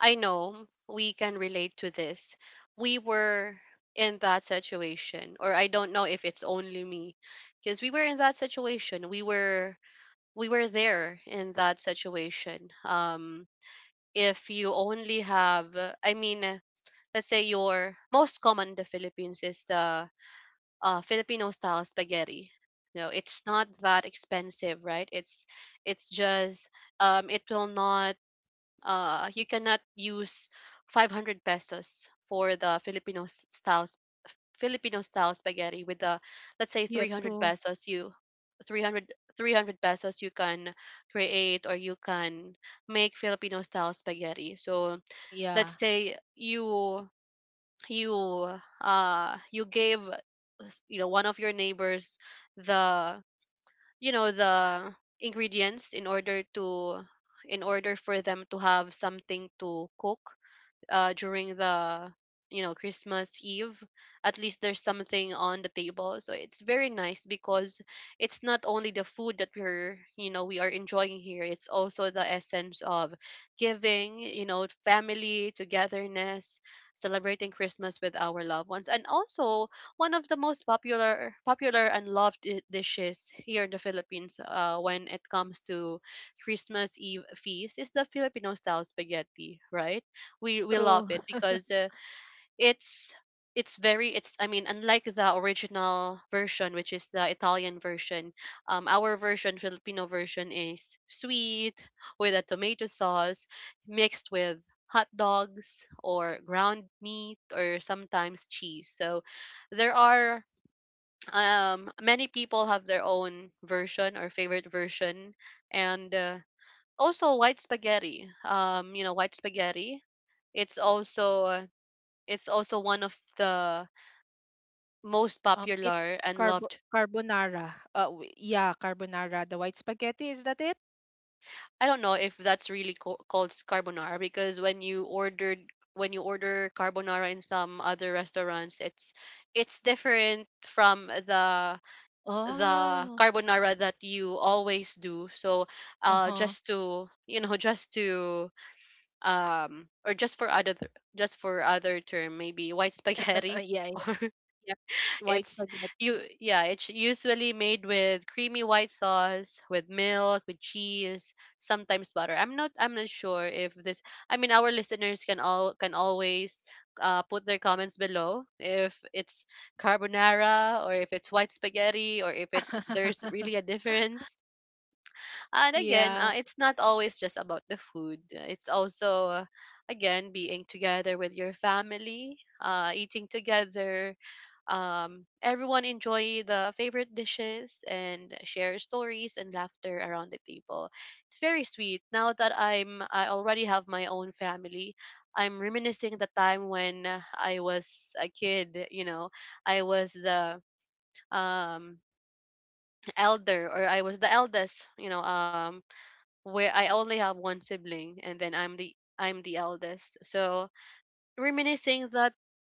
Speaker 1: I know we can relate to this. We were in that situation, or I don't know if it's only me, because we were in that situation. We were there in that situation. If you only have I mean, let's say your most common in the Philippines is the Filipino style spaghetti. No, it's not that expensive, right? It's just, it will not, you cannot use 500 pesos for the Filipino style spaghetti. With, the let's say,
Speaker 2: Yeah,
Speaker 1: 300
Speaker 2: true.
Speaker 1: pesos, you 300 300 pesos, you can create, or you can make, Filipino style spaghetti. So,
Speaker 2: Yeah,
Speaker 1: let's say you you you gave, one of your neighbors, the you know the ingredients, in order for them to have something to cook during the Christmas Eve, at least there's something on the table. So it's very nice, because it's not only the food that we're you know we are enjoying here. It's also the essence of giving, family togetherness, celebrating Christmas with our loved ones, and also one of the most popular and loved dishes here in the Philippines, when it comes to Christmas Eve feast, is the Filipino style spaghetti, right? We love
Speaker 2: true.
Speaker 1: it because it's it's very, it's I mean, unlike the original version, which is the Italian version, our version, Filipino version, is sweet, with a tomato sauce mixed with hot dogs or ground meat or sometimes cheese. So there are, many people have their own version or favorite version. And also white spaghetti, you know, white spaghetti, it's also it's also one of the most
Speaker 2: It's
Speaker 1: popular and loved.
Speaker 2: carbonara. Yeah, carbonara, the white spaghetti, is that it?
Speaker 1: I don't know if that's really called carbonara, because when you order carbonara in some other restaurants, it's different from the
Speaker 2: Oh,
Speaker 1: carbonara that you always do. So,
Speaker 2: uh-huh.
Speaker 1: just to, just to or just for other, just for other term, maybe white spaghetti
Speaker 2: Yeah, yeah,
Speaker 1: or
Speaker 2: yeah. White
Speaker 1: It's
Speaker 2: spaghetti.
Speaker 1: you yeah, it's usually made with creamy white sauce, with milk, with cheese, sometimes butter. I'm not sure if this I mean, our listeners can always put their comments below if it's carbonara, or if it's white spaghetti, or if it's there's really a difference. And again,
Speaker 2: Yeah,
Speaker 1: it's not always just about the food. It's also, again, being together with your family, eating together. Everyone enjoy the favorite dishes and share stories and laughter around the table. It's very sweet. Now that I already have my own family, I'm reminiscing the time when I was a kid. You know, I was the um elder, or I was the eldest. You know, where I only have one sibling, and then I'm the eldest. So reminiscing that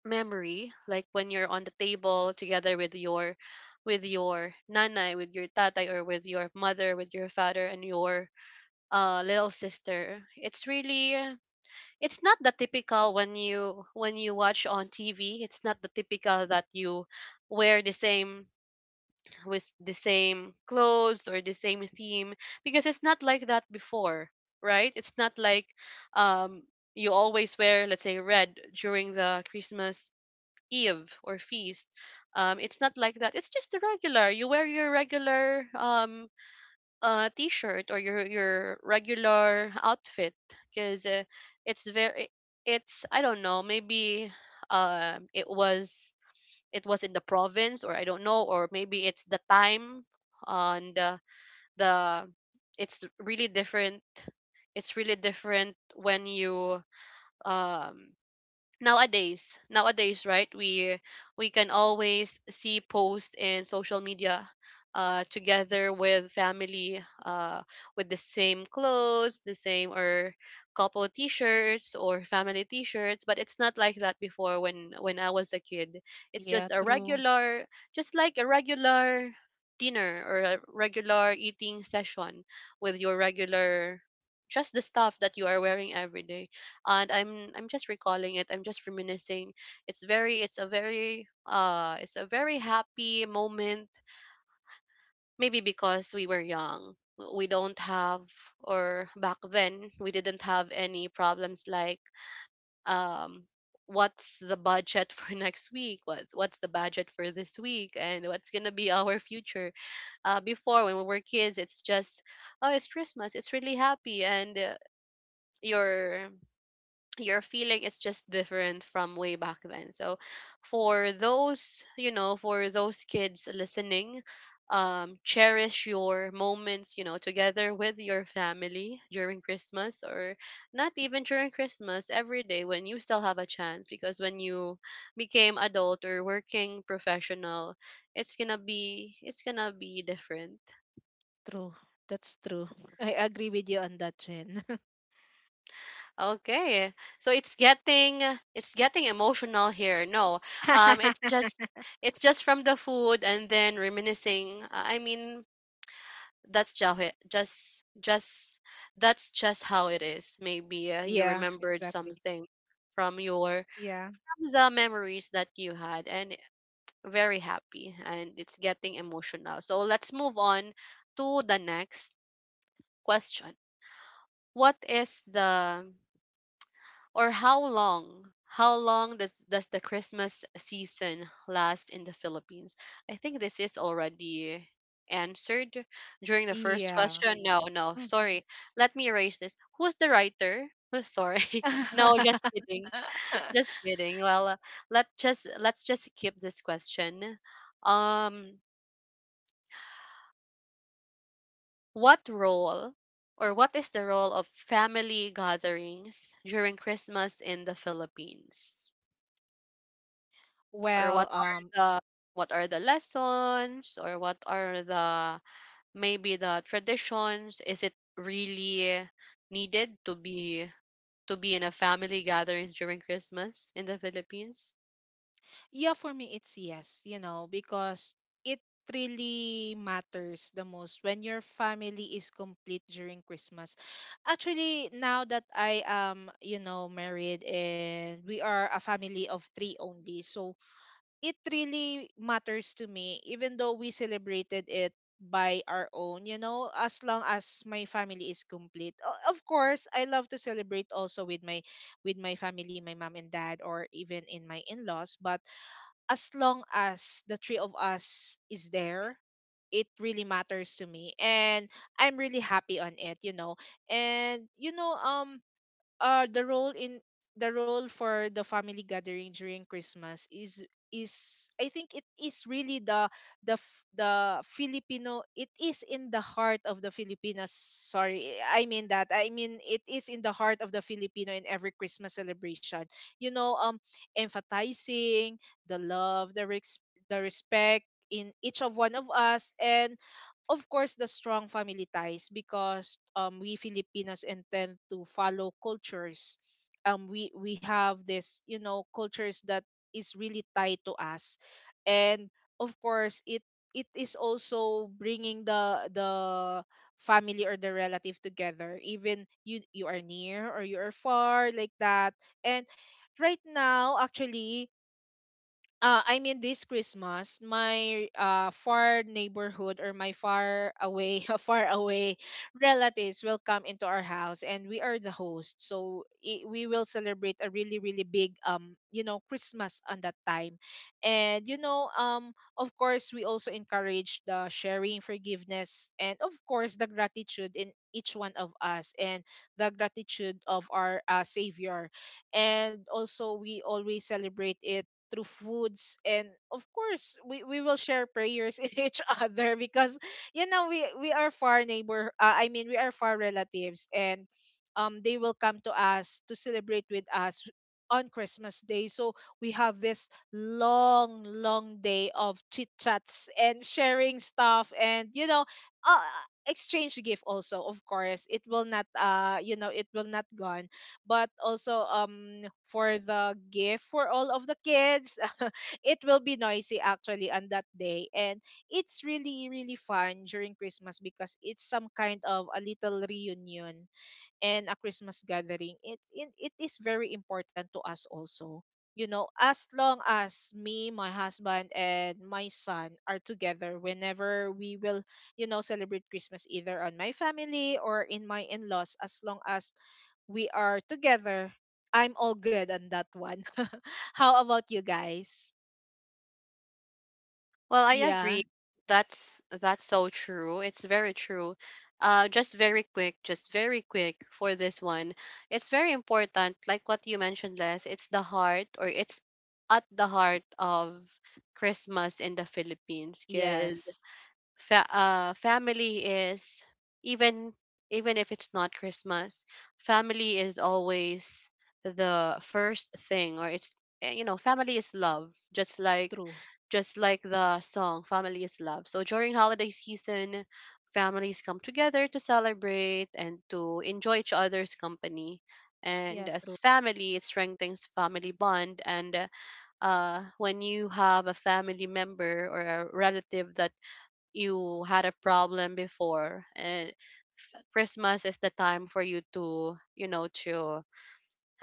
Speaker 1: memory, like when you're on the table together with your, with your nanay, with your tatay, or with your mother, with your father, and your little sister. It's really it's not the typical when you watch on TV. It's not the typical that you wear the same, with the same clothes or the same theme, because it's not like that before, right? It's not like um you always wear, let's say, red during the Christmas eve or feast. It's not like that. It's just the regular. You wear your regular t-shirt or your regular outfit because it's very, it's I don't know, maybe it was, it was in the province, or I don't know, or maybe it's the time and the it's really different. It's really different when you um nowadays, right? We can always see posts in social media, together with family, with the same clothes, the same, or couple t-shirts or family t-shirts. But it's not like that before, when I was a kid. It's
Speaker 2: yeah,
Speaker 1: just a
Speaker 2: true,
Speaker 1: regular, just like a regular dinner or a regular eating session with your regular, just the stuff that you are wearing every day. And I'm just recalling it, I'm just reminiscing. It's very, it's a very it's a very happy moment, maybe because we were young. We don't have, or back then we didn't have any problems like, um what's the budget for next week, what's the budget for this week, and what's going to be our future. Before, when we were kids, it's just, oh, it's Christmas, it's really happy. And your your feeling is just different from way back then. So for those, you know, for those kids listening, cherish your moments, you know, together with your family during Christmas, or not even during Christmas, every day when you still have a chance. Because when you became adult or working professional, it's going to be different.
Speaker 2: true. That's true. I agree with you on that, Jen.
Speaker 1: Okay. So it's getting, it's getting emotional here. No. It's just, it's just from the food and then reminiscing. I mean, that's just just just that's just how it is. Maybe you
Speaker 2: Yeah,
Speaker 1: remembered
Speaker 2: exactly.
Speaker 1: something from your,
Speaker 2: Yeah,
Speaker 1: from the memories that you had, and very happy, and it's getting emotional. So let's move on to the next question. What is the, or how long, does the Christmas season last in the Philippines? I think this is already answered during the first
Speaker 2: yeah.
Speaker 1: question. No, no,
Speaker 2: Hmm.
Speaker 1: sorry. Let me erase this. Who's the writer? Sorry. No, just kidding. Just kidding. Well, let just, let's just skip this question. um what role, or what is the role of family gatherings during Christmas in the Philippines, or
Speaker 2: Well,
Speaker 1: what are the, what are the lessons, or what are the, maybe the traditions? Is it really needed to be, to be in a family gatherings during Christmas in the Philippines?
Speaker 2: yeah, for me, it's yes, because it really matters the most when your family is complete during Christmas. Actually, now that I am, married, and we are a family of three only, so it really matters to me, even though we celebrated it by our own, as long as my family is complete. Of course, I love to celebrate also with my family, my mom and dad, or even in my in-laws. But as long as the three of us is there, it really matters to me, and I'm really happy on it. And, uh the role in the role for the family gathering during Christmas is, I think, it is really the Filipino. It is in the heart of the Filipinas, sorry, I mean, that I mean, it is in the heart of the Filipino in every Christmas celebration, you know um emphasizing the love, the respect in each of one of us, and of course, the strong family ties, because we Filipinos intend to follow cultures. We have this, cultures that is really tied to us. And of course, it is also bringing the family or the relative together, even you are near or you are far like that. And right now actually, I mean, this Christmas, my, far neighborhood, or my far away, far away relatives will come into our house, and we are the host. So, I we will celebrate a really, really big, Christmas on that time. And, of course, we also encourage the sharing, forgiveness, and of course, the gratitude in each one of us, and the gratitude of our, Savior. And also, we always celebrate it through foods, and of course, we will share prayers in each other, because, we are far neighbor, I mean, we are far relatives. And they will come to us to celebrate with us on Christmas day. So we have this long long day of chit chats and sharing stuff, and, uh, exchange gift also. Of course, it will not you know it will not gone, but also, for the gift for all of the kids it will be noisy actually on that day, and it's really really fun during Christmas, because it's some kind of a little reunion and a Christmas gathering. It is very important to us also. You know, as long as me, my husband, and my son are together, whenever we will, celebrate Christmas either on my family or in my in laws, as long as we are together, I'm all good on that one. How about you guys?
Speaker 1: Well, I agree.
Speaker 2: Yeah,
Speaker 1: That's so true. It's very true. Just very quick, for this one. It's very important, like what you mentioned, Les, it's the heart, or it's at the heart of Christmas in the Philippines, because
Speaker 2: yes,
Speaker 1: family is, even, even if it's not Christmas, family is always the first thing, or it's, you know, family is love, just like,
Speaker 2: true.
Speaker 1: just like the song, family is love. So during holiday season, families come together to celebrate and to enjoy each other's company. And
Speaker 2: Yeah,
Speaker 1: as
Speaker 2: true.
Speaker 1: family, it strengthens family bond. And when you have a family member or a relative that you had a problem before, and Christmas is the time for you to, you know, to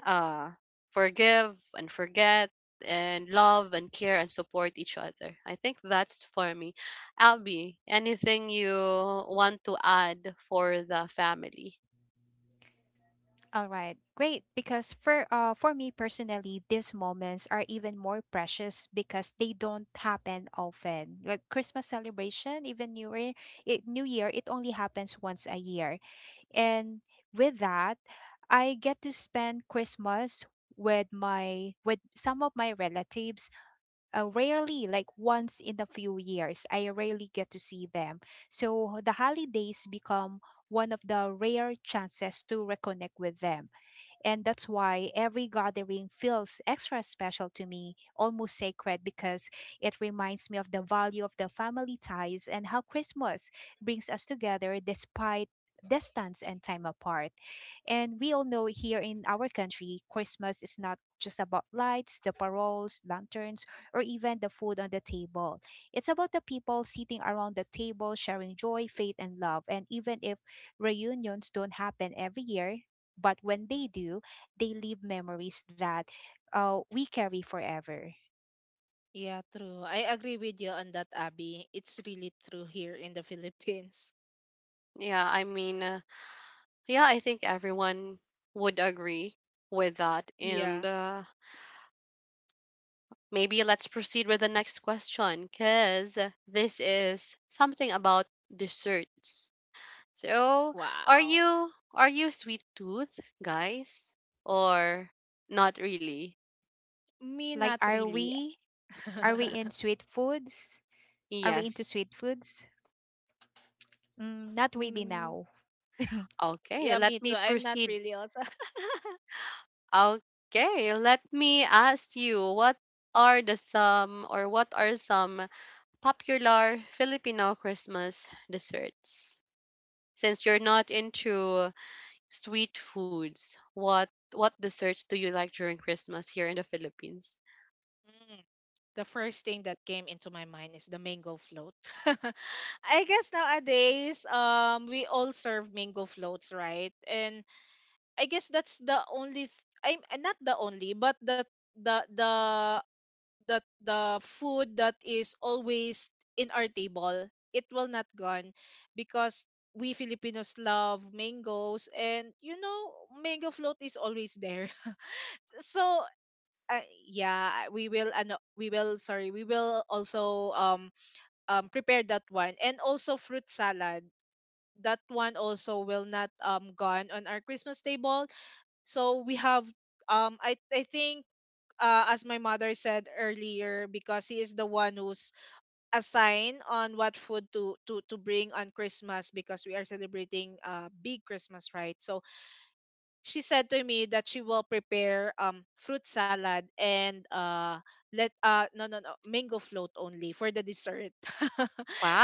Speaker 1: uh forgive and forget, and love and care and support each other. I think that's for me. Albie, anything you want to add for the family?
Speaker 3: All right, great. Because for me personally, these moments are even more precious because they don't happen often. Like Christmas celebration, even New Year, New Year, it only happens once a year. And with that, I get to spend Christmas with my with some of my relatives, rarely, like once in a few years I rarely get to see them. So the holidays become one of the rare chances to reconnect with them, and that's why every gathering feels extra special to me, almost sacred, because it reminds me of the value of the family ties and how Christmas brings us together despite distance and time apart. And we all know here in our country, Christmas is not just about lights, the paroles, lanterns, or even the food on the table. It's about the people sitting around the table sharing joy, faith, and love. And even if reunions don't happen every year, but when they do, they leave memories that we carry forever.
Speaker 2: Yeah, true. I agree with you on that, Abby. It's really true here in the Philippines.
Speaker 1: Yeah, I mean, yeah, I think everyone would agree with that. And
Speaker 2: Yeah.
Speaker 1: maybe let's proceed with the next question, because this is something about desserts. So, are
Speaker 2: Wow.
Speaker 1: you, are you sweet tooth, guys, or not really?
Speaker 2: Me, not
Speaker 3: Like, are
Speaker 2: really.
Speaker 3: we in sweet foods? Are we into
Speaker 1: Yes.
Speaker 3: sweet foods? Mm, not really
Speaker 2: Mm,
Speaker 3: now.
Speaker 1: Okay,
Speaker 2: yeah,
Speaker 1: let
Speaker 2: me too.
Speaker 1: me
Speaker 2: I'm not
Speaker 1: proceed.
Speaker 2: really also.
Speaker 1: Okay, let me ask you, what are the some, or what are some popular Filipino Christmas desserts? Since you're not into sweet foods, what desserts do you like during Christmas here in the Philippines?
Speaker 2: Mm, The first thing that came into my mind is the mango float. I guess nowadays, we all serve mango floats, right? And I guess that's the only. I'm, not the only, but the the the food that is always in our table, it will not gone, because we Filipinos love mangoes, and, mango float is always there so, yeah, we will ano, we will sorry we will also, prepare that one. And also fruit salad, that one also will not, gone on our Christmas table. So we have, I think, as my mother said earlier, because he is the one who's assigned on what food to bring on Christmas, because we are celebrating, big Christmas, right? So she said to me that she will prepare, fruit salad, and, let no, no, no, mango float only for the dessert.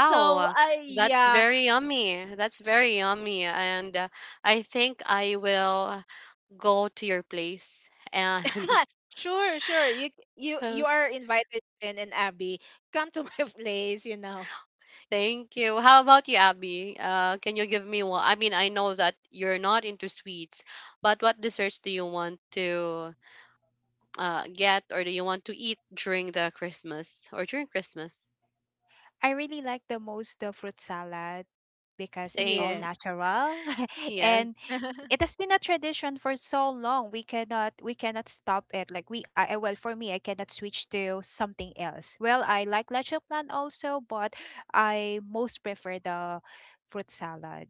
Speaker 2: So, I
Speaker 1: that's
Speaker 2: yeah.
Speaker 1: very yummy. That's very yummy. And I think I will go to your place. And
Speaker 2: Sure, sure. You you you
Speaker 1: uh,
Speaker 2: are invited in and Abby. Come to my place.
Speaker 1: thank you. How about you, Abby? Can you give me one? I mean, I know that you're not into sweets, but what desserts do you want to get, or do you want to eat during the Christmas or during Christmas?
Speaker 3: I really like the most the fruit salad because it's all
Speaker 1: Same.
Speaker 2: Yes.
Speaker 3: natural
Speaker 1: Yes,
Speaker 3: and it has been a tradition for so long. We cannot stop it. Like well, for me, I cannot switch to something else. Well, I like leche plan also, but I most prefer the fruit salad.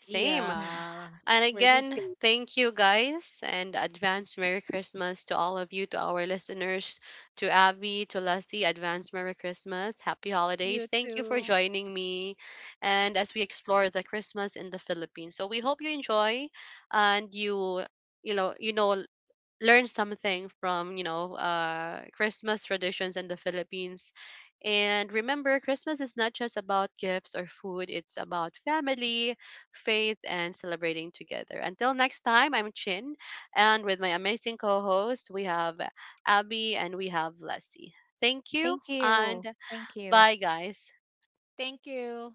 Speaker 1: same.
Speaker 3: Hmm.
Speaker 2: Yeah.
Speaker 1: And
Speaker 2: We're the
Speaker 1: again,
Speaker 2: same.
Speaker 1: thank you guys, and advance Merry Christmas to all of you, to our listeners, to Abby, to Leslie, advance Merry Christmas, happy
Speaker 2: You
Speaker 1: holidays. Thank you for
Speaker 2: too.
Speaker 1: joining me, and as we explore the Christmas in the Philippines. So we hope you enjoy and you, you know, learn something from, you know, Christmas traditions in the Philippines. And remember, Christmas is not just about gifts or food, it's about family, faith, and celebrating together. Until next time, I'm Chin, and with my amazing co hosts, we have Abby, and we have Leslie. Thank you,
Speaker 3: Thank
Speaker 1: and
Speaker 3: you, thank you.
Speaker 1: bye, guys.
Speaker 2: Thank you.